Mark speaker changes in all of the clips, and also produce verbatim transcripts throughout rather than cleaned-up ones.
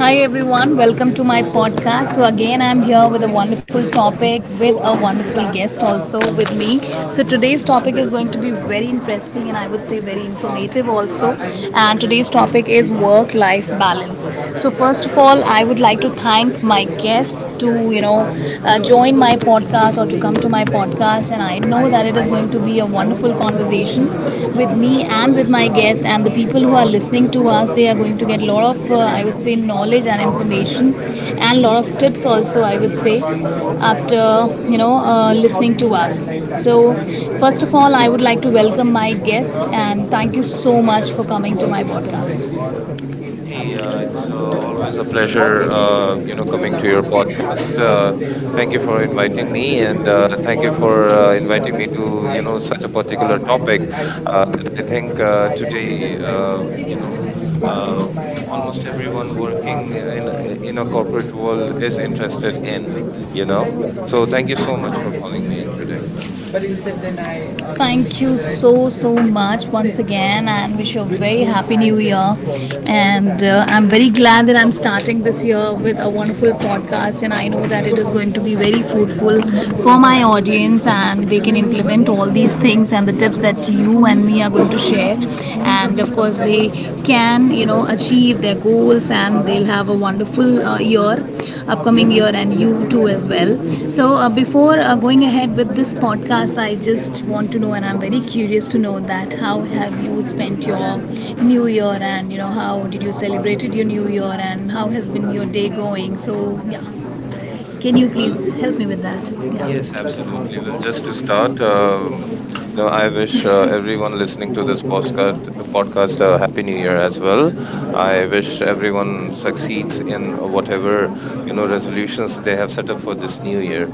Speaker 1: Hi everyone, welcome to my podcast. So again, I'm here with a wonderful topic with a wonderful guest also with me. So today's topic is going to be very interesting and I would say very informative also. And today's topic is work-life balance. So first of all, I would like to thank my guest to you know uh, join my podcast or to come to my podcast, and I know that it is going to be a wonderful conversation with me and with my guest, and the people who are listening to us. They are going to get a lot of, uh, I would say, knowledge and information and a lot of tips also, I would say, after, you know, uh, listening to us. So, first of all, I would like to welcome my guest and thank you so much for coming to my podcast.
Speaker 2: Hey, uh, it's uh, always a pleasure, uh, you know, coming to your podcast. Uh, thank you for inviting me, and uh, thank you for uh, inviting me to, you know, such a particular topic uh, that I think uh, today, uh, you know,
Speaker 1: um,
Speaker 2: uh,
Speaker 1: um,
Speaker 2: almost
Speaker 1: uh,
Speaker 2: everyone working in in a corporate world is interested in, you know. So thank you so much for calling me in today.
Speaker 1: uh, Thank you so, so much once again, and wish you a very happy new year. And uh, I'm very glad that I'm starting this year with a wonderful podcast, and I know that it is going to be very fruitful for my audience, and they can implement all these things and the tips that you and me are going to share. And of course, they can, you know, achieve their goals, and they'll have a wonderful uh, year upcoming year, and you too as well. So uh, before uh, going ahead with this podcast, I just want to know, and I'm very curious to know, that how have you spent your new year, and you know, how did you celebrated your new year, and how has been your day going? So yeah, can you
Speaker 2: Well,
Speaker 1: please help me with that?
Speaker 2: yes,
Speaker 1: Yeah.
Speaker 2: absolutely. Well, just to start, um, you know, I wish uh, everyone listening to this podcast podcast a happy new year as well. I wish everyone succeeds in whatever you know resolutions they have set up for this new year.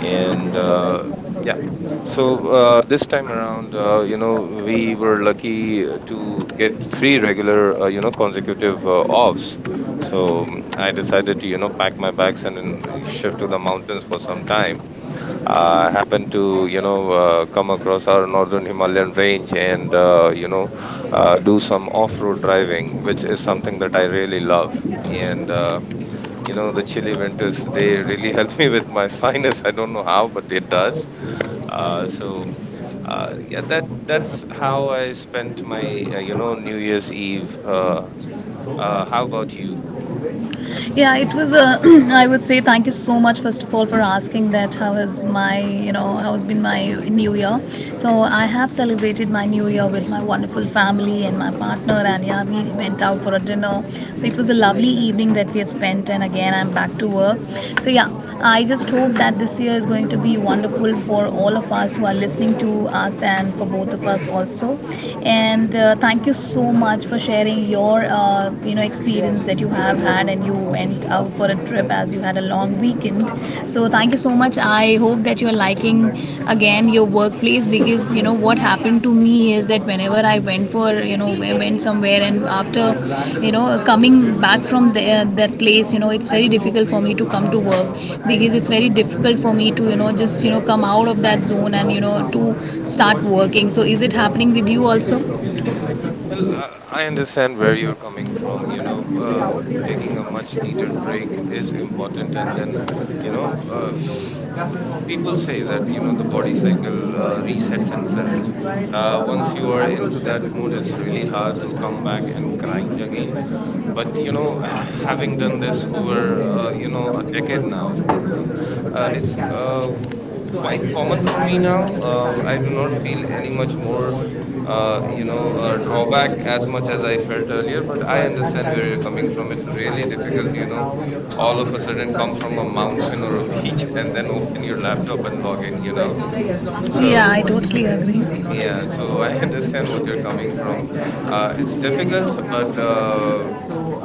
Speaker 2: And uh, yeah, so uh, this time around, uh, you know, we were lucky to get three regular, uh, you know, consecutive uh, offs. So mm, I decided to, you know, pack my bags and then shift to the mountains for some time. I happened to, you know, uh, come across our northern Himalayan range and, uh, you know, uh, do some off road driving, which is something that I really love. And, uh, you know, the chilly winters, they really help me with my sinus. I don't know how, but it does. Uh, so, uh, yeah, that that's how I spent my, uh, you know, New Year's Eve. Uh, uh, how about you?
Speaker 1: Yeah, it was a. I would say thank you so much first of all for asking that. How has my, you know, how has been my New Year? So I have celebrated my New Year with my wonderful family and my partner, and yeah, we went out for a dinner. So it was a lovely evening that we had spent, and again I'm back to work. So yeah, I just hope that this year is going to be wonderful for all of us who are listening to us and for both of us also. And uh, thank you so much for sharing your uh, uh, you know, experience that you have had, and you went out for a trip as you had a long weekend. So thank you so much. I hope that you're liking again your workplace, because you know what happened to me is that whenever I went for, you know, I went somewhere, and after, you know, coming back from there, that place, you know, it's very difficult for me to come to work, because it's very difficult for me to, you know, just, you know, come out of that zone, and you know, to start working. So is it happening with you also,
Speaker 2: Well, uh, I understand where you're coming from. You know, uh, taking a much needed break is important. And then, you know, uh, w- people say that, you know, the body cycle uh, resets itself. Uh, once you are into that mood, it's really hard to come back and grind again. But, you know, having done this over, uh, you know, a decade now,
Speaker 1: or
Speaker 2: uh, uh,
Speaker 1: trying to
Speaker 2: it's
Speaker 1: catch
Speaker 2: uh, qu-
Speaker 1: something? So I
Speaker 2: quite
Speaker 1: feel
Speaker 2: common
Speaker 1: that
Speaker 2: for
Speaker 1: I
Speaker 2: me now.
Speaker 1: understand,
Speaker 2: Uh, I do
Speaker 1: and
Speaker 2: not
Speaker 1: I
Speaker 2: feel
Speaker 1: will
Speaker 2: any much more
Speaker 1: actually
Speaker 2: uh, you know uh,
Speaker 1: know.
Speaker 2: drawback as much as I felt earlier. But I
Speaker 1: But I'm
Speaker 2: understand
Speaker 1: glad
Speaker 2: where
Speaker 1: that
Speaker 2: you're
Speaker 1: you were
Speaker 2: coming
Speaker 1: able
Speaker 2: from.
Speaker 1: to, you
Speaker 2: It's
Speaker 1: know, find
Speaker 2: really
Speaker 1: the
Speaker 2: difficult,
Speaker 1: data
Speaker 2: you
Speaker 1: that
Speaker 2: know,
Speaker 1: now we have
Speaker 2: all of
Speaker 1: found
Speaker 2: a sudden come
Speaker 1: such
Speaker 2: from a
Speaker 1: things.
Speaker 2: mountain or a beach and then open your laptop and log in you know
Speaker 1: Yeah,
Speaker 2: So
Speaker 1: I totally
Speaker 2: yeah,
Speaker 1: agree.
Speaker 2: so I understand what you're coming from. Uh, it's difficult, but uh,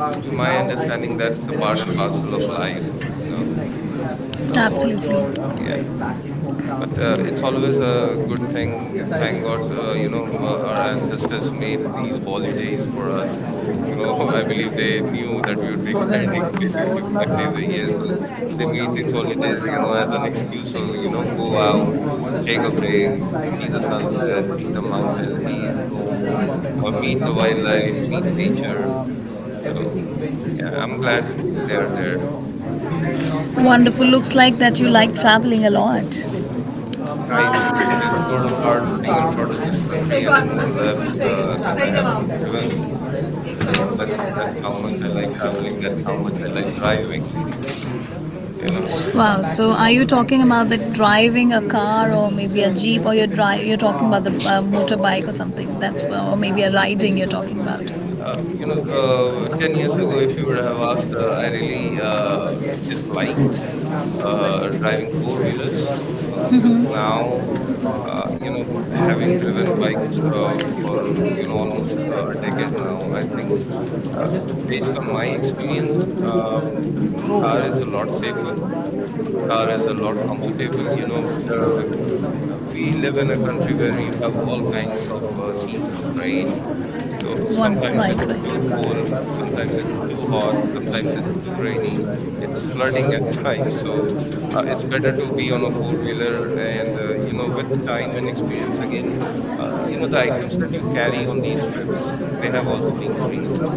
Speaker 2: t- to my understanding, that's the part and parcel of life, you know. So yeah.
Speaker 1: Absolutely.
Speaker 2: But uh, it's always a good thing. Thank god, uh, you know uh, our
Speaker 1: Absolutely.
Speaker 2: ancestors made these holidays
Speaker 1: So
Speaker 2: for us, you know. I believe they knew that we would be
Speaker 1: then
Speaker 2: grinding
Speaker 1: what
Speaker 2: three hundred sixty-five days
Speaker 1: um,
Speaker 2: a year, so
Speaker 1: brings us
Speaker 2: they
Speaker 1: towards the
Speaker 2: made these
Speaker 1: end of the
Speaker 2: holidays, you know, as
Speaker 1: podcast.
Speaker 2: an
Speaker 1: Um,
Speaker 2: excuse,
Speaker 1: thank
Speaker 2: so,
Speaker 1: you
Speaker 2: you
Speaker 1: so
Speaker 2: know,
Speaker 1: much for
Speaker 2: go out,
Speaker 1: sharing um, such
Speaker 2: take a
Speaker 1: valuable
Speaker 2: break,
Speaker 1: insights
Speaker 2: see the
Speaker 1: and
Speaker 2: sunset, see the
Speaker 1: valuable
Speaker 2: mountains, see snow, uh, meet the wildlife, meet
Speaker 1: that, you
Speaker 2: nature.
Speaker 1: know, um,
Speaker 2: So
Speaker 1: everything eventually
Speaker 2: yeah,
Speaker 1: works
Speaker 2: I'm glad they're
Speaker 1: out.
Speaker 2: there.
Speaker 1: Wonderful. Looks like that you like traveling a lot.
Speaker 2: I do. There's not a part, single part of this country anymore left uh, that I haven't driven to. You know, that that's how much I like traveling. That's how much I like driving. You know,
Speaker 1: Wow. So, are you talking about the driving a car, or maybe a jeep, or you're dri you're talking about the uh, motorbike or something? That's, or maybe a riding you're talking about.
Speaker 2: uh, you know, uh, ten years ago, if you would have asked, uh, I really uh, dislike uh, driving four wheelers. Uh, but now, uh, you know, having driven bikes uh, for you know almost uh,
Speaker 1: Mhm.
Speaker 2: a decade now, I think,
Speaker 1: Or
Speaker 2: um,
Speaker 1: just to think
Speaker 2: based
Speaker 1: back
Speaker 2: on
Speaker 1: on
Speaker 2: my
Speaker 1: my
Speaker 2: experience,
Speaker 1: no, yeah,
Speaker 2: um, car is a lot
Speaker 1: like,
Speaker 2: safer, car is a lot comfortable. You know, there are, uh, we live in a country where you have all kinds of uh, seasons, right? So
Speaker 1: one,
Speaker 2: sometimes
Speaker 1: right,
Speaker 2: it's too cold, sometimes it's too hot, sometimes it's too
Speaker 1: right.
Speaker 2: rainy. It's flooding at times, so uh, it's better to be on a four-wheeler. And uh, you know, with time and experience, again,
Speaker 1: ご視聴ありがと
Speaker 2: uh, you know, the items that you
Speaker 1: うござい
Speaker 2: carry on these trips, they have also increased.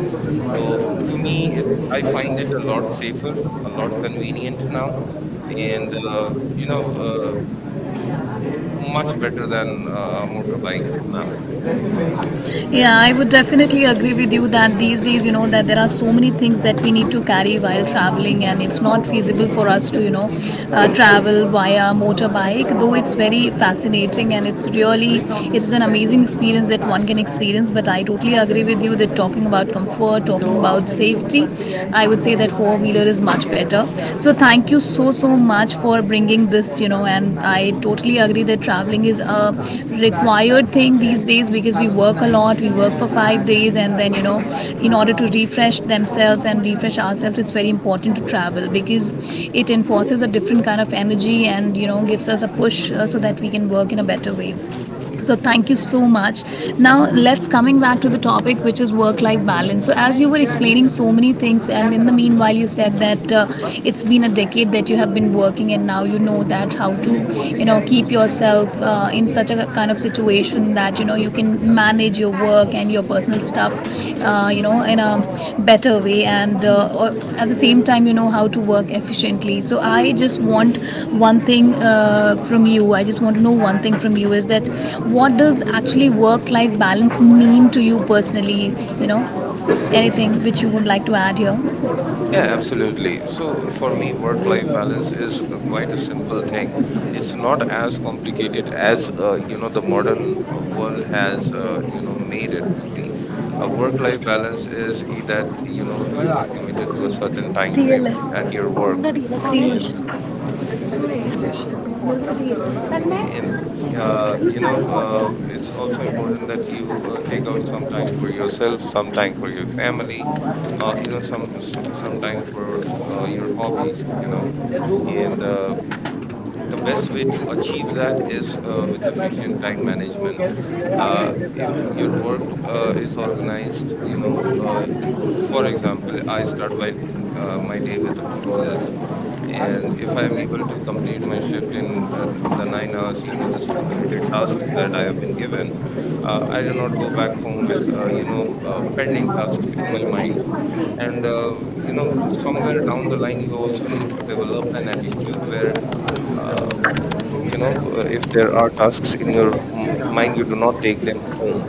Speaker 2: Oh, to me, it I find it a lot safer, a lot convenient now, and uh, you know uh, much better than
Speaker 1: ました
Speaker 2: uh, a motorbike now.
Speaker 1: Yeah, I would definitely agree with you that these days, you know, that there are so many things that we need to carry while traveling, and it's not feasible for us to, you know, uh, travel via motorbike. Though it's very fascinating, and it's really, it's an amazing experience that one can experience. But I totally agree with you that talking about comfort, talking about safety, I would say that four wheeler is much better. So thank you so so much for bringing this, you know, and I totally agree that traveling thing is a required thing these days, because we work a lot. We work for five days, and then you know, in order to refresh themselves and refresh ourselves, it's very important to travel, because it enforces a different kind of energy, and you know, gives us a push uh, so that we can work in a better way. So thank you so much. Now let's coming back to the topic, which is work-life balance. So as you were explaining so many things, and in the meanwhile, you said that uh, it's been a decade that you have been working, and now you know that how to, you know, keep yourself uh, in such a kind of situation that you know you can manage your work and your personal stuff uh, you know, in a better way, and uh, at the same time, you know, how to work efficiently. So I just want one thing uh, from you I just want to know one thing from you, is that what does actually work life balance mean to you personally, you know? Anything which you would like to add here?
Speaker 2: Yeah, absolutely. So for me, work life balance is uh, quite a simple thing. It's not as complicated as uh, you know the modern uh, world has uh, you know made it to be. A work life balance is e- That, you know, you are committed to a certain time frame
Speaker 1: Piyush.
Speaker 2: at your work. And and uh, you know uh, it's also important that you uh, take out some time for yourself, some time for your family, uh, you know some so- some time for uh, your hobbies, you know. And uh, the best way to achieve that is uh, with efficient time management. Uh, if your work uh, is organized, you know, uh, for example, I start by uh, my day with a to-do list. And if I am able to complete my shift in uh, th- the nine hours, you know, the stipulated tasks that I have been given, uh, I do not go back home with uh, you know uh, pending tasks in my mind. And uh, you know, somewhere down the line, you also need to develop an attitude where, uh, you know uh, if there are tasks in your m- mind, you do not take them home,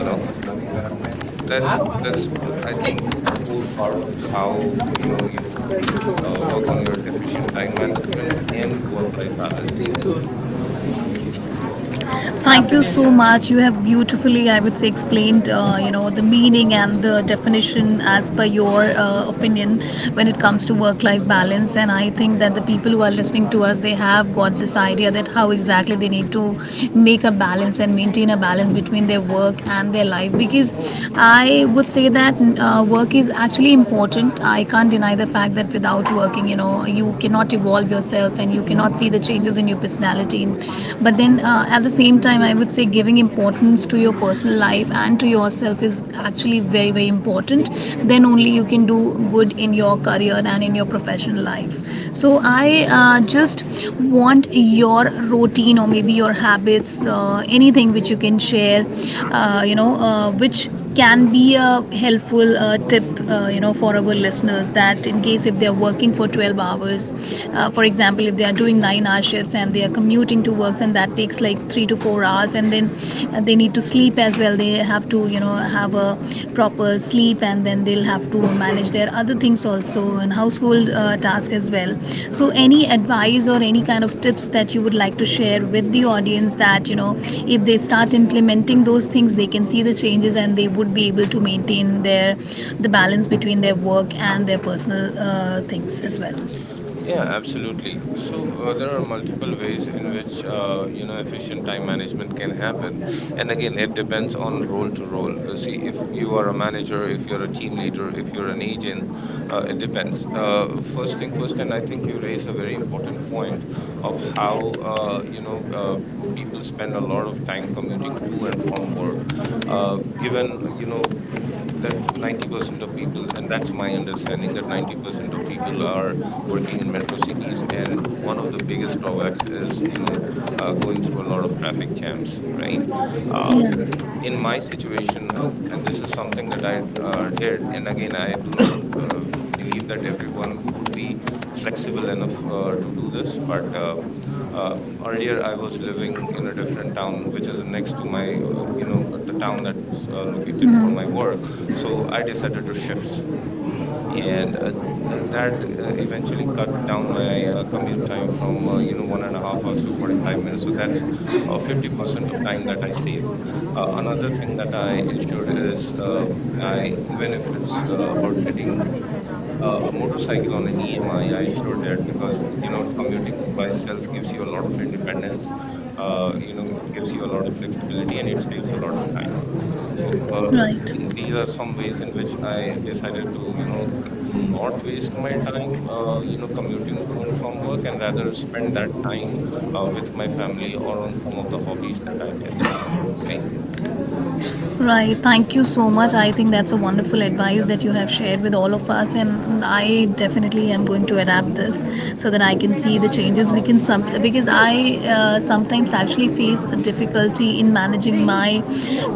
Speaker 2: you know. W- that's that's uh, I think a core part of how, you know, you uh, work on your efficient time management and work life balance.
Speaker 1: Thank you so much. You have beautifully, I would say, explained, uh, you know, the meaning and the definition as per your uh, opinion when it comes to work-life balance. And I think that the people who are listening to us, they have got this idea that how exactly they need to make a balance and maintain a balance between their work and their life. Because I would say that uh, work is actually important. I can't deny the fact that without working, you know, you cannot evolve yourself and you cannot see the changes in your personality routine. But then uh, at the same time, I would say giving importance to your personal life and to yourself is actually very, very important. Then only you can do good in your career and in your professional life. So I uh, just want your routine, or maybe your habits, uh, anything which you can share, uh, you know, uh, which can be a helpful uh, tip, uh, you know, for our listeners, that in case if they are working for twelve hours, uh, for example, if they are doing nine-hour shifts, and they are commuting to works and that takes like three to four hours, and then uh, they need to sleep as well. They have to, you know, have a proper sleep, and then they'll have to manage manage their other things also, and household uh, task as well. So any advice or any kind of tips that you would like to share with the audience, that you know, if they start implementing those things, they can see the changes, and they would be able to maintain their the balance between their work and their personal uh, things as well?
Speaker 2: Yeah, absolutely. So uh, there are multiple ways in which uh, you know efficient time management can happen, and again, it depends on role to role. Uh, see, if you are a manager, if you're a team leader, if you're an agent, uh, it depends. Uh, first thing first, and I think you raised a very important point of how, uh, you know uh, people spend a lot of time commuting to and from work. Uh, given, you know, that ninety percent of people, and that's my understanding, that ninety percent of people are working in metro cities. And one of the biggest drawbacks is, you know uh, going through a lot of traffic jams, right? um, in my situation, and, and this is something that I uh, did. And again, I do not uh, believe that everyone would be flexible enough uh, to do this. But uh, um, earlier I was living in a different town, which is next to my
Speaker 1: Yeah.
Speaker 2: uh, you know the town that's uh, located for my work. So I decided to shift. And uh, uh, that uh, eventually cut down my uh, commute time from uh, you know one and a half hours to forty-five minutes. So that's uh, fifty percent of time that I saved. Uh, another thing that I ensured is, uh, I even if it's uh, about getting uh, a motorcycle on an E M I, I I sure did, because you know, commuting by itself gives you a lot of independence. Uh, you know, it
Speaker 1: Mm-hmm.
Speaker 2: gives you a lot of flexibility, and it saves a lot of time. So uh,
Speaker 1: Right.
Speaker 2: the- these are some ways in which I decided to, you know, not waste my time, uh, you know, commuting to and from work, and rather spend that time uh, with my family or on some of the hobbies that I did. Right.
Speaker 1: Right. Thank you so much. I think that's a wonderful advice that you have shared with all of us, and I definitely am going to adapt this so that I can see the changes. We can some, because I uh, sometimes actually face a difficulty in managing my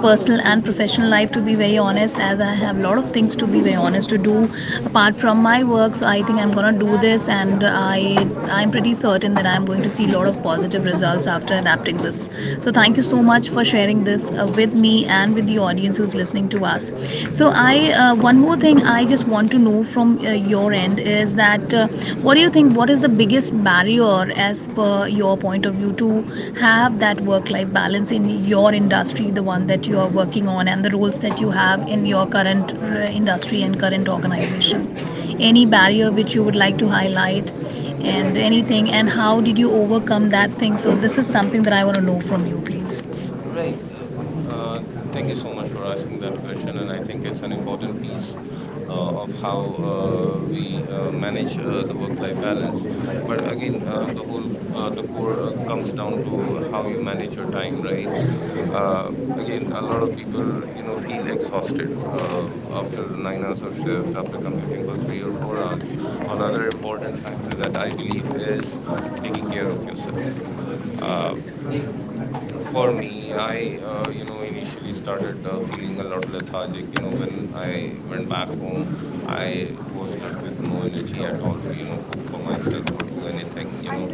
Speaker 1: personal and professional life. To be very honest, as I have a lot of things to be very honest to do apart from my work. So I think I'm gonna do this, and I I'm pretty certain that I'm going to see a lot of positive results after adapting this. So thank you so much for sharing this uh, uh, with me and with the audience who's listening to us. So, I uh, one more thing I just want to know from uh, your end is that uh, what do you think? What is the biggest barrier, as per your point of view, to have that work-life balance in your industry, the one that you are working on, and the roles that you have in your current uh, industry and current organization? Any barrier which you would like to highlight? And anything, and how did you overcome that thing? So, this is something that I want to know from you, please.
Speaker 2: Right. Uh, mm, uh, thank you so much for asking that question, and I think it's an important piece uh, of how uh, we uh, manage uh, the work-life balance. But again, uh, the whole uh, the core uh, comes down to how you manage your time, right? Um again, a lot of people, you know, feel exhausted uh, after nine hours of shift, after commuting for three or four hours. Another important factor that I believe is taking care of yourself. Uh, for me, I, uh, you know, initially started uh, feeling a lot lethargic. You know, when I went back home, I was left with no energy at all to, you know, cook for myself or do anything, you know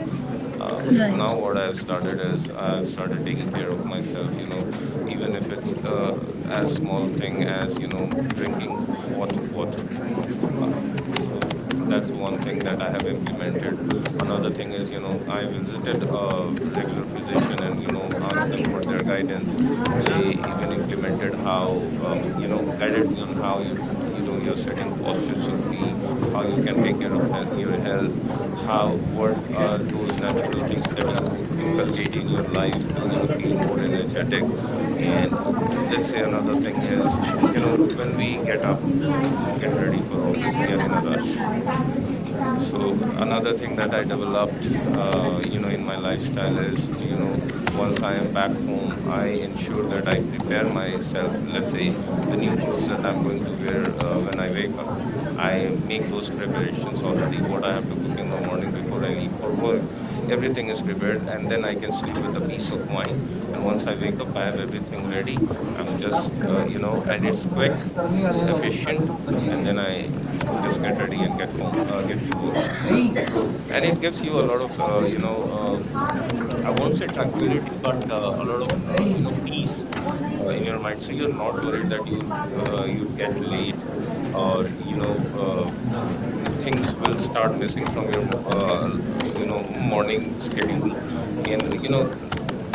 Speaker 2: uh, Now
Speaker 1: Right.
Speaker 2: what I've started is I've started taking care of myself, you know, even if it's uh, as small thing as, you know, drinking hot water uh, so that's one thing that I have implemented. Another thing is, you know, I visited a regular physician and, you know, asked them for their guidance. They even implemented how um, you know, guided me on how you you know your sitting posture should be, how you can take care of he- your health, how, what are those natural things that you inculcate in your life to, you know, feel more energetic. And uh, uh, let's say another thing is, you know, when we get up to get ready for office, we are in a rush. So another thing that I developed, uh, you know, in my lifestyle is, you know, once I am back home, I ensure that I prepare myself, let's say, the new clothes that I'm going to wear uh, when I wake up. I make those preparations already, what I have to cook in the morning before I leave for work. Everything is prepared, and then I can sleep with a peace of mind. And once I wake up, I have everything ready. I'm
Speaker 1: last
Speaker 2: just uh,
Speaker 1: comment
Speaker 2: you know, and
Speaker 1: करने
Speaker 2: it's quick,
Speaker 1: के लिए लोगों को charge
Speaker 2: efficient.
Speaker 1: ना
Speaker 2: And then I
Speaker 1: करेंगे।
Speaker 2: uh, just get ready and get home uh, get to work. So, and it gives you a lot of, uh, you know, um, I won't say tranquility, but uh, a lot of, uh, you know, peace uh, in your mind. So you're not worried that you'll uh, you'd get late, or you know uh, the things will start missing from your mo- uh, l- uh, you know, morning schedule. And you know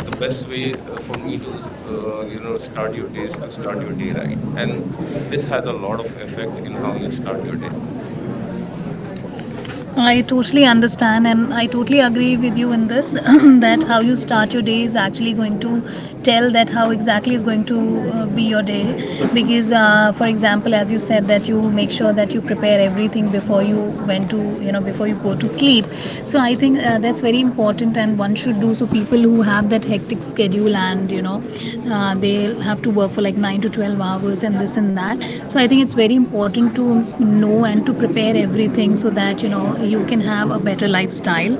Speaker 2: the best way, uh, for me, to, uh, you know, start your day is to start your day right. And this has a lot of effect in how you start your day.
Speaker 1: नहीं। I totally understand, and I totally agree with you in this that how you start your day is actually going to tell that how exactly is going to uh, be your day. Because, uh, for example, as you said, that you make sure that you prepare everything before you went to, you know, before you go to sleep sleep. So I think uh, that's very important, and one should do so. People who have that hectic schedule, and you know uh, they have to work for like nine to twelve hours and this and that. So I think it's very important to know and to prepare everything so that you know you can have a better lifestyle,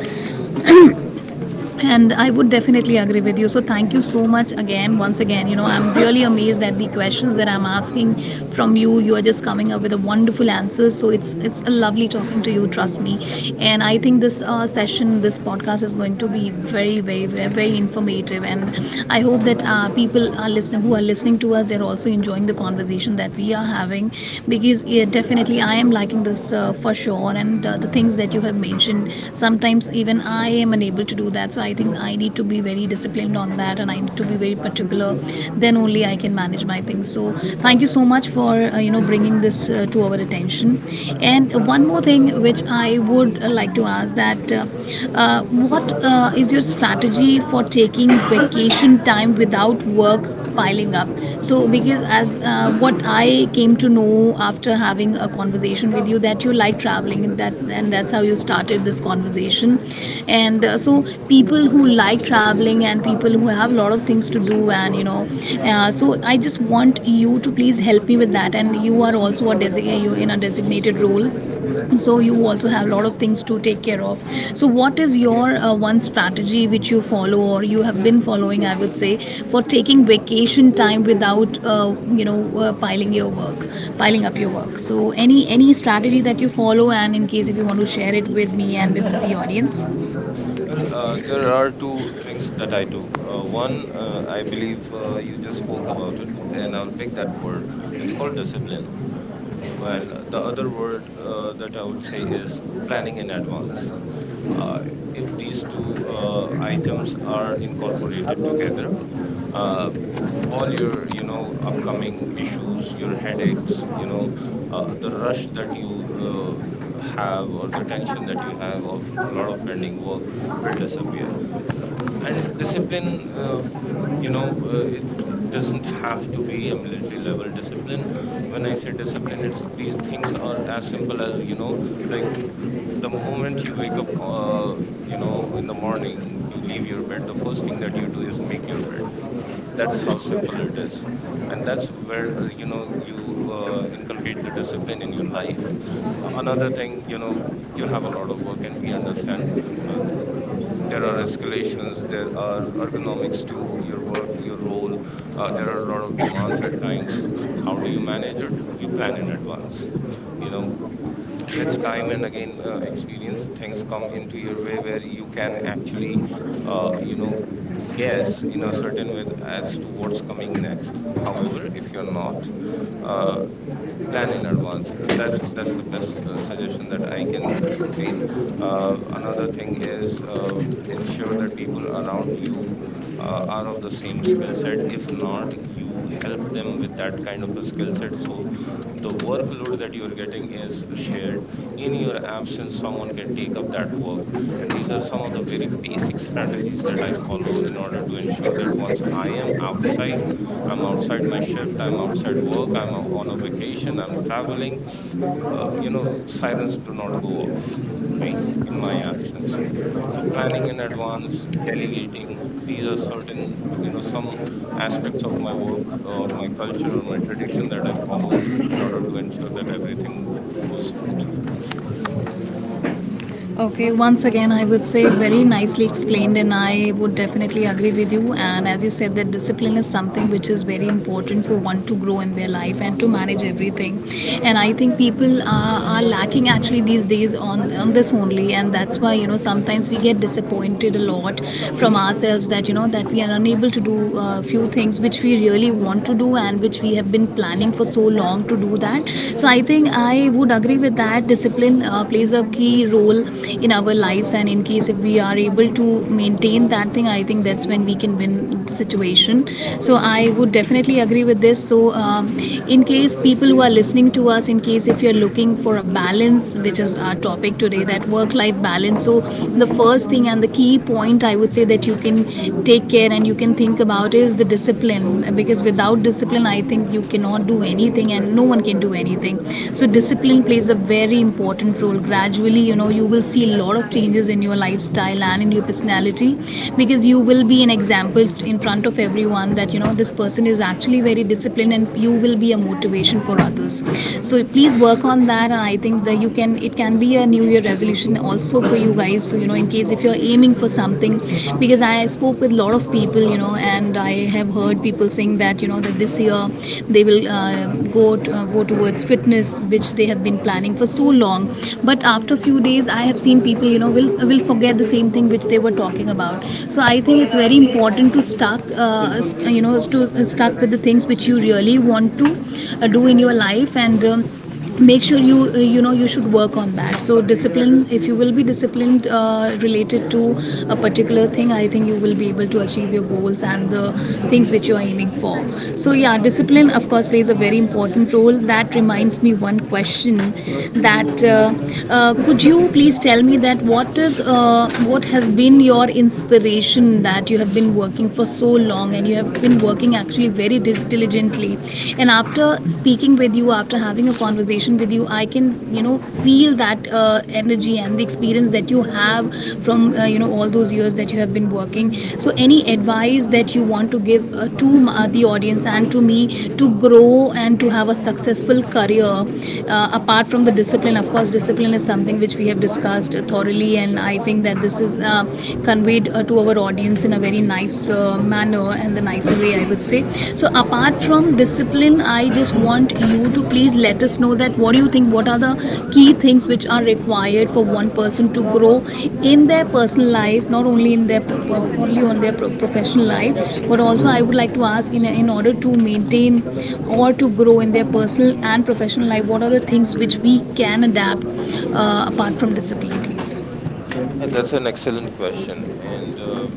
Speaker 1: and I would definitely agree with you. So thank you so much again, once again. you know I'm really amazed at the questions that I'm asking from you. You are just coming up with a wonderful answers, so it's it's a lovely talking to you, trust me. And I think this uh, session, this podcast is going to be very very very, very informative. And I hope that uh, people are listening, who are listening to us, they're also enjoying the conversation that we are having. Because, yeah, definitely I am liking this uh, for sure. And uh, the things that you have mentioned, sometimes even I am unable to to do that. So I think I need to be very disciplined on that, and I need to be very particular. Then only I can manage my things. So thank you so much for uh, you know bringing this uh, to our attention. And one more thing which I would uh, like to ask, that uh, uh, what uh, is your strategy for taking vacation time without work piling up. So because, as uh, what I came to know after having a conversation with you, that you like traveling, and that and that's how you started this conversation. And uh, so people who like traveling and people who have a lot of things to do, and you know, uh, so I just want you to please help me with that. And you are also a desi- uh, you in a designated role, so you also have a lot of things to take care of. So what is your uh, one strategy which you follow, or you have been following, I would say, for taking vacation time without uh, you know uh, piling your work, piling up your work. So any any strategy that you follow, and in case if you want to share it with me and with the audience.
Speaker 2: Well, uh, there are two things that I do. Uh, one, uh, I believe, uh, you just spoke about it, and I'll pick that word. It's called discipline. And the other word uh, that I would say is planning in advance. Uh, if these two uh, items are incorporated together, um all your, you know, upcoming issues, your headaches, you know, uh, the rush that you uh, have, or the tension that you have of a lot of pending work will disappear. And discipline, uh, you know, uh, it, it doesn't have to be a military level discipline. When I say discipline, it's these things are as simple as, you know, like, the moment you wake up, uh, you know, in the morning, you leave your bed, the first thing that you do is make your bed. That's how simple it is. And that's where, uh, you know, you uh, inculcate the discipline in your life. A- another thing, you know, you have a lot of work, and we understand, uh, there are escalations, there are ergonomics to your work, your role. Uh, there are a lot of demands at times. How do you manage it? You plan in advance. You know,
Speaker 1: ニンゴん
Speaker 2: with time
Speaker 1: ね
Speaker 2: and again, uh, experience, things come into your way where you can actually, uh, you know, guess in a certain way as to what's coming next. However, if you're not uh, plan in advance, that's that's the best uh, suggestion that I can state. Uh, another thing is, uh,
Speaker 1: ぇ
Speaker 2: ensure that people around you uh, are of the same skill set. If not, you help them with that kind of a skill set, so the workload that you are getting is shared. In your absence, someone can take up that work. And these are some of the very basic strategies that I follow in order to ensure that once I am outside, I'm outside my shift, I'm outside work, I'm o- on a vacation, I'm traveling. Uh, you know, sirens do not go off, right, in my absence. So planning in advance, delegating, these are certain, you know, some aspects of my work or my culture or my tradition that I follow in order to ensure that everything goes smooth.
Speaker 1: Okay, once again, I would say, very nicely explained, and I would definitely agree with you. And as you said, that discipline is something which is very important for one to grow in their life and to manage everything. And I think people are, are lacking actually these days on, on this only, and that's why you know sometimes we get disappointed a lot from ourselves, that you know that we are unable to do a few things which we really want to do and which we have been planning for so long to do that. So I think I would agree with that. Discipline uh, plays a key role in our lives, and in case if we are able to maintain that thing, I think that's when we can win the situation. So I would definitely agree with this. So um, in case people who are listening to us, in case if you're looking for a balance, which is our topic today, that work-life balance. So the first thing and the key point, I would say, that you can take care and you can think about is the discipline discipline, because without discipline, I think you cannot do anything and no one can do anything. So discipline plays a very important role. Gradually, you know you will see a lot of changes in your lifestyle and in your personality, because you will be an example in front of everyone, that you know this person is actually very disciplined, and you will be a motivation for others. So please work on that. And I think that you can, it can be a new year resolution also for you guys. So you know in case if you're aiming for for something, because I spoke with a lot of people, you know, and I have heard people saying that you know that this year they will uh, go t- uh, go towards fitness, which they have been planning for so long. But after a few days, I have seen people, you know, will will forget the same thing which they were talking about. So I think it's very important to stuck, uh, st- you know, to uh, stuck with the things which you really want to uh, do in your life. And. Um, make sure you uh, you know you should work on that. So discipline, if you will be disciplined uh, related to a particular thing, I think you will be able to achieve your goals and the things which you are aiming for. So yeah, discipline, of course, plays a very important role. That reminds me one question, that uh, uh, could you please tell me that what is uh, what has been your inspiration, that you have been working for so long, and you have been working actually very dis- diligently. And after speaking with you, after having a conversation with you, I can, you know feel that uh, energy and the experience that you have from uh, you know all those years that you have been working. So any advice that you want to give uh, to uh, the audience and to me, to grow and to have a successful career, uh, apart from the discipline. Of course, discipline is something which we have discussed thoroughly, and I think that this is uh, conveyed uh, to our audience in a a very nice uh, manner, and the nicer way, I would say. So apart from discipline, I just want you to please let us know that what do you think, what are the key things which are required for one person to grow in their personal life, not only in their, only on their professional life, but also I would like to ask, in, in order to maintain or to grow in their personal and professional life, what are the things which we can adapt uh, apart from discipline, please.
Speaker 2: Uh, That's an excellent question, and uh,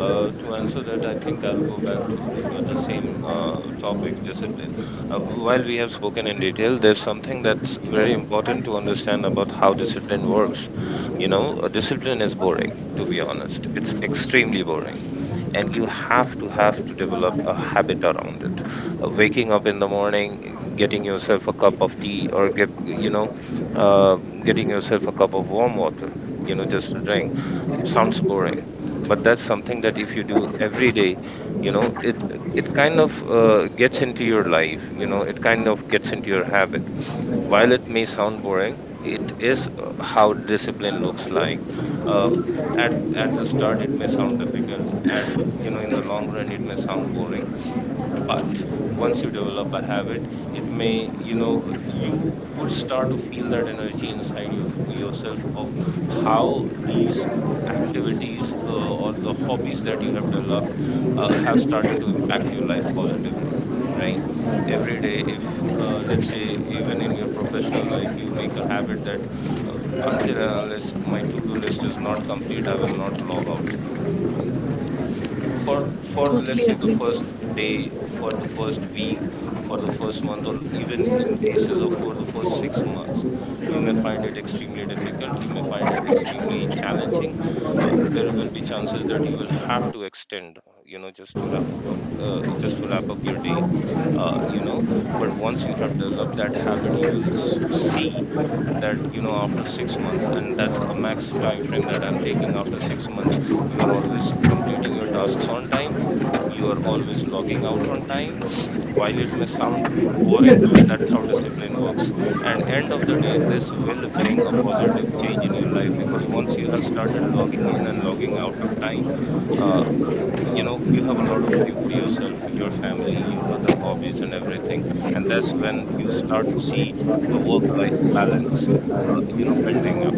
Speaker 2: uh, to answer that, I think I'll go back to uh, the same uh, topic, discipline. Uh, while we have spoken in detail, there's something that's very important to understand about how discipline works. You know, uh, discipline is boring, to be honest. It's extremely boring, and you have to have to develop a habit around it. Uh, waking up in the morning, getting yourself a cup of tea, or get, you know, uh, getting yourself a cup of warm water. You know, just to drink sounds boring, but that's something that if you do every day, you know, it it kind of, uh, gets into your life. You know, it kind of gets into your habit. While it may sound boring, it is uh, how discipline looks like. um, at at the start, it may sound difficult, at, you know, in the long run, it may sound boring. But once you develop a habit, it may, you know, you would start to feel that energy inside your yourself, of how these activities, uh, or the hobbies that you have developed, uh, have started to impact your life positively. Right? Every day, if, uh, let's say, even in your professional life, you make a habit that, uh, until and unless my to do list is not complete, I will not log out. Oof. for for let's
Speaker 1: Totally
Speaker 2: say, the
Speaker 1: agree.
Speaker 2: first day, for the first week, for the first month, or even in cases of for the first six months, you may find it extremely difficult, you may find it extremely challenging. Uh, there will be chances that you will have to extend, you know, just to wrap up uh, just to wrap up your day, uh, you know. But once you have developed that habit, you will s- see that, you know, after six months, and that's a max time frame that I'm taking, after six months, you are always completing your tasks on time, you are always logging out on time. While it may sound boring, but that's how discipline works. And end of the day, this will bring a positive change in your life, because once you have started logging in and logging out of time, uh, you know, you have a lot of time for yourself, your family, your other hobbies, and everything. And that's when you start to see the work life balance, uh, you know, building up.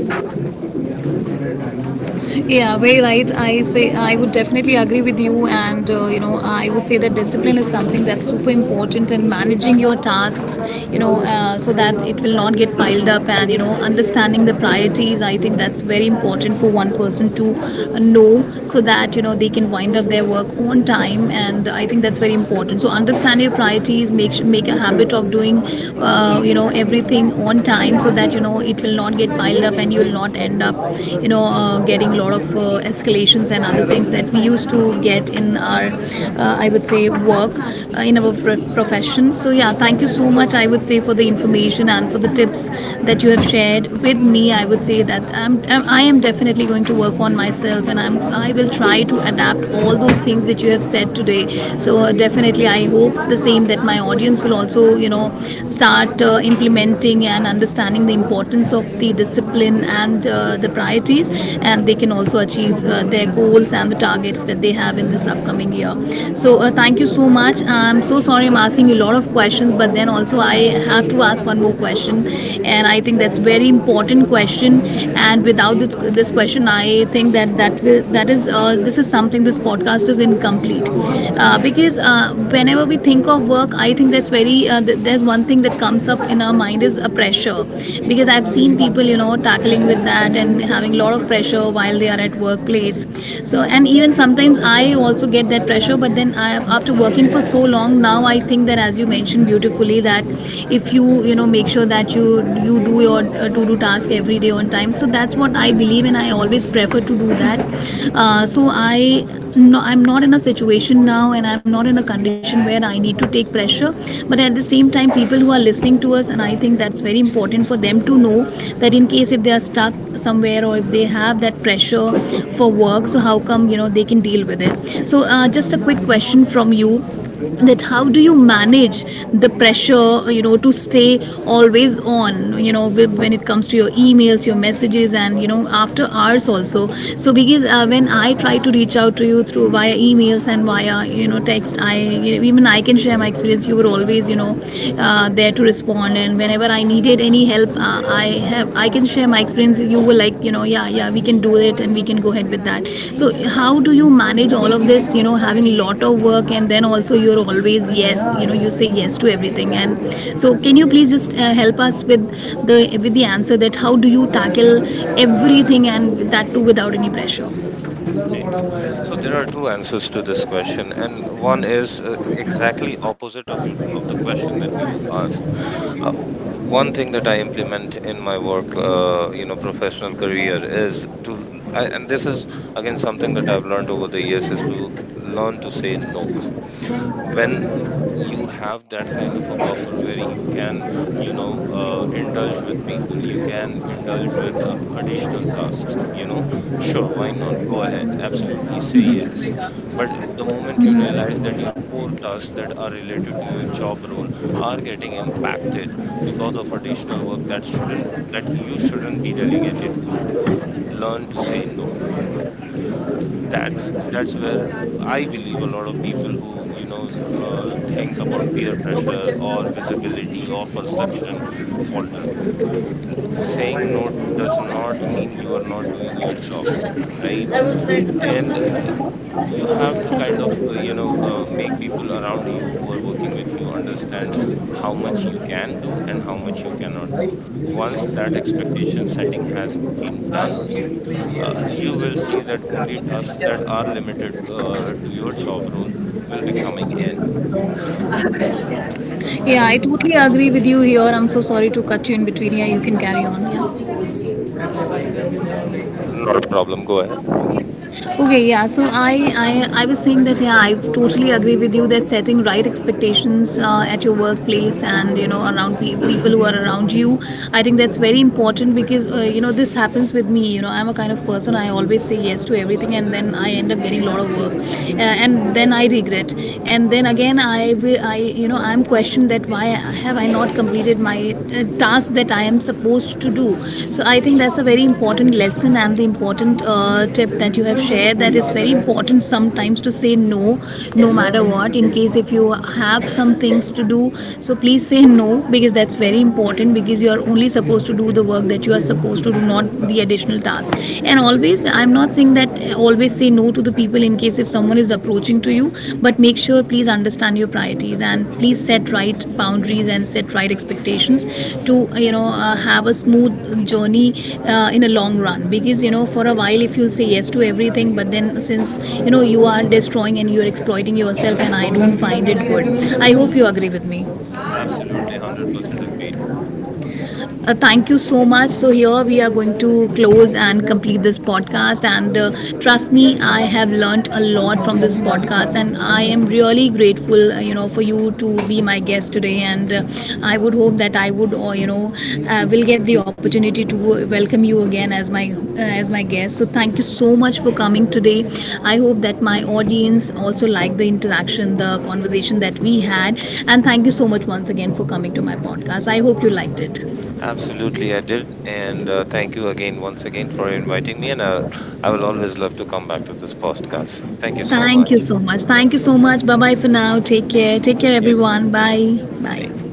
Speaker 1: Yeah, very right. I say I would definitely agree with you, and uh, you know I would say that discipline is something that's super important, and managing your tasks, you know, uh, so that it will not get piled up, and you know, understanding the priorities. I think that's very important for one person to uh, know, so that you know they can wind up their work on time, and I think that's very important. So understand your priorities, make su- make a habit of doing, uh, you know, everything on time, so that you know it will not get piled up and you'll not end up you know uh, getting a lot of uh, escalations and other things that we used to get in our uh, I would say work uh, in our pro- profession. So yeah, thank you so much, I would say, for the information and for the tips that you have shared with me. I would say that I'm, I'm- I am definitely going to work on myself, and I'm, I will try to adapt all those things which you have said today. So uh, definitely, I hope the same, that my audience will also you know start uh, implementing, accepting, and understanding the importance of the discipline and uh, the priorities, and they can also achieve uh, their goals and the targets that they have in this upcoming year. So, uh, thank you so much. I'm so sorry I'm asking you a lot of questions, but then also I have to ask one more question, and I think that's a very important question. And without this, this question, I think that that will, that is uh, this is something, this podcast is incomplete, uh, because uh, whenever we think of work, I think that's very uh, th- there's one thing that comes up in our mind is a pressure, because I've seen people you know tackling with that and having a lot of pressure while they are at workplace. So, and even sometimes I also get that pressure, but then I, after working for so long now, I think that, as you mentioned beautifully, that if you, you know make sure that you you do your uh, to do task every day on time. So that's what I believe, and I always prefer to do that. Uh, so I, no, I'm not in a situation now, and I'm not in a condition situation where I need to take pressure. But at the same time, people who are listening to us, and I think that's very important for them to know, that in case if they are stuck somewhere, or if they have that pressure for work, so how come you know they can deal with it? So uh, just a quick question from you, that how do you manage the pressure, you know, to stay always on, you know, when it comes to your emails, your messages, and, you know, after hours also. So because uh, when I try to reach out to you through via emails and via you know text I you know, even I can share my experience, you were always you know uh, there to respond. And whenever I needed any help, uh, I have, I can share my experience, you were like, you know, yeah yeah, we can do it and we can go ahead with that. So how do you manage all of this, you know, having a lot of work, and then also you're always yes, you know, you say yes to everything. And so can you please just uh, help us with the with the answer, that how do you tackle everything, and that too without any pressure?
Speaker 2: Right? So there are two answers to this question, and one is, uh, exactly opposite of your of the question that you asked. uh, One thing that I implement in my work, uh, you know, professional career, is to I, and this is again something that I've learned over the years, is to learn to say no. When you have that kind of a buffer where you can, you know, uh, indulge with people, you can indulge with, uh, additional tasks, you know, sure, why not, go ahead, absolutely say yes. But the moment you realize that your core tasks that are related to your job role are getting impacted because of additional work that shouldn't that you shouldn't be delegated to, learn to say no. That's that's where I believe a lot of people who, you know, uh, think about peer pressure or visibility or perception, falter. Saying no does not mean you are not doing your job, right? And uh, y- you have to kind of, uh, you know, uh, make people around you who are working with you understand how much you can do and how much you cannot do. Once that expectation setting has been done, uh, you will see that only tasks that are limited, uh, to your job role, will be coming in, you know.
Speaker 1: Yeah,
Speaker 2: And
Speaker 1: I totally agree with you here. I'm so sorry to cut you in between. Yeah, you can carry on. Yeah.
Speaker 2: not a problem, go ahead.
Speaker 1: Okay, yeah. So I, I, I was saying that yeah, I totally agree with you that setting right expectations uh, at your workplace and, you know, around pe- people who are around you, I think that's very important, because uh, you know, this happens with me. You know, I'm a kind of person, I always say yes to everything, and then I end up getting a lot of work, uh, and then I regret. And then again I will, I, you know, I'm questioned that why have have I not completed my uh, task that I am supposed to do? So I think that's a very important lesson, and the important uh, tip that you have shared, that it's very important sometimes to say no, no matter what. In case if you have some things to do, so please say no, because that's very important, because you are only supposed to do the work that you are supposed to do, not the additional task. And always, I'm not not saying that uh, always say no to the people in case if someone is approaching to you, but make sure, please understand your priorities and please set right boundaries and set right expectations to, uh, you know uh, have a smooth journey uh, in a long run. Because, you know, for a while if you'll say yes to everything, but then since, you know, you are destroying and you are exploiting yourself, and I don't find it good. I hope you agree with me.
Speaker 2: Absolutely, one hundred percent agreed.
Speaker 1: Uh, thank you so much. So here we are going to close and complete this podcast. And uh, trust me, I have learnt a lot from this podcast, and I am really grateful, uh, you know, for you to be my guest today. And uh, I would hope that I would, uh, you know, uh, will get the opportunity to uh, welcome you again as my uh, as my guest. So thank you so much for coming today. I hope that my audience also liked the interaction, the conversation that we had, and thank you so much once again for coming to my podcast. I hope you liked it.
Speaker 2: Absolutely, I did, and uh, thank you again once again for inviting me. And I, I will always love to come back to this podcast. Thank you so
Speaker 1: Thank
Speaker 2: much.
Speaker 1: you so much. Thank you so much. Bye bye for now. Take care. Take care,
Speaker 2: You too.
Speaker 1: everyone. Bye. Bye.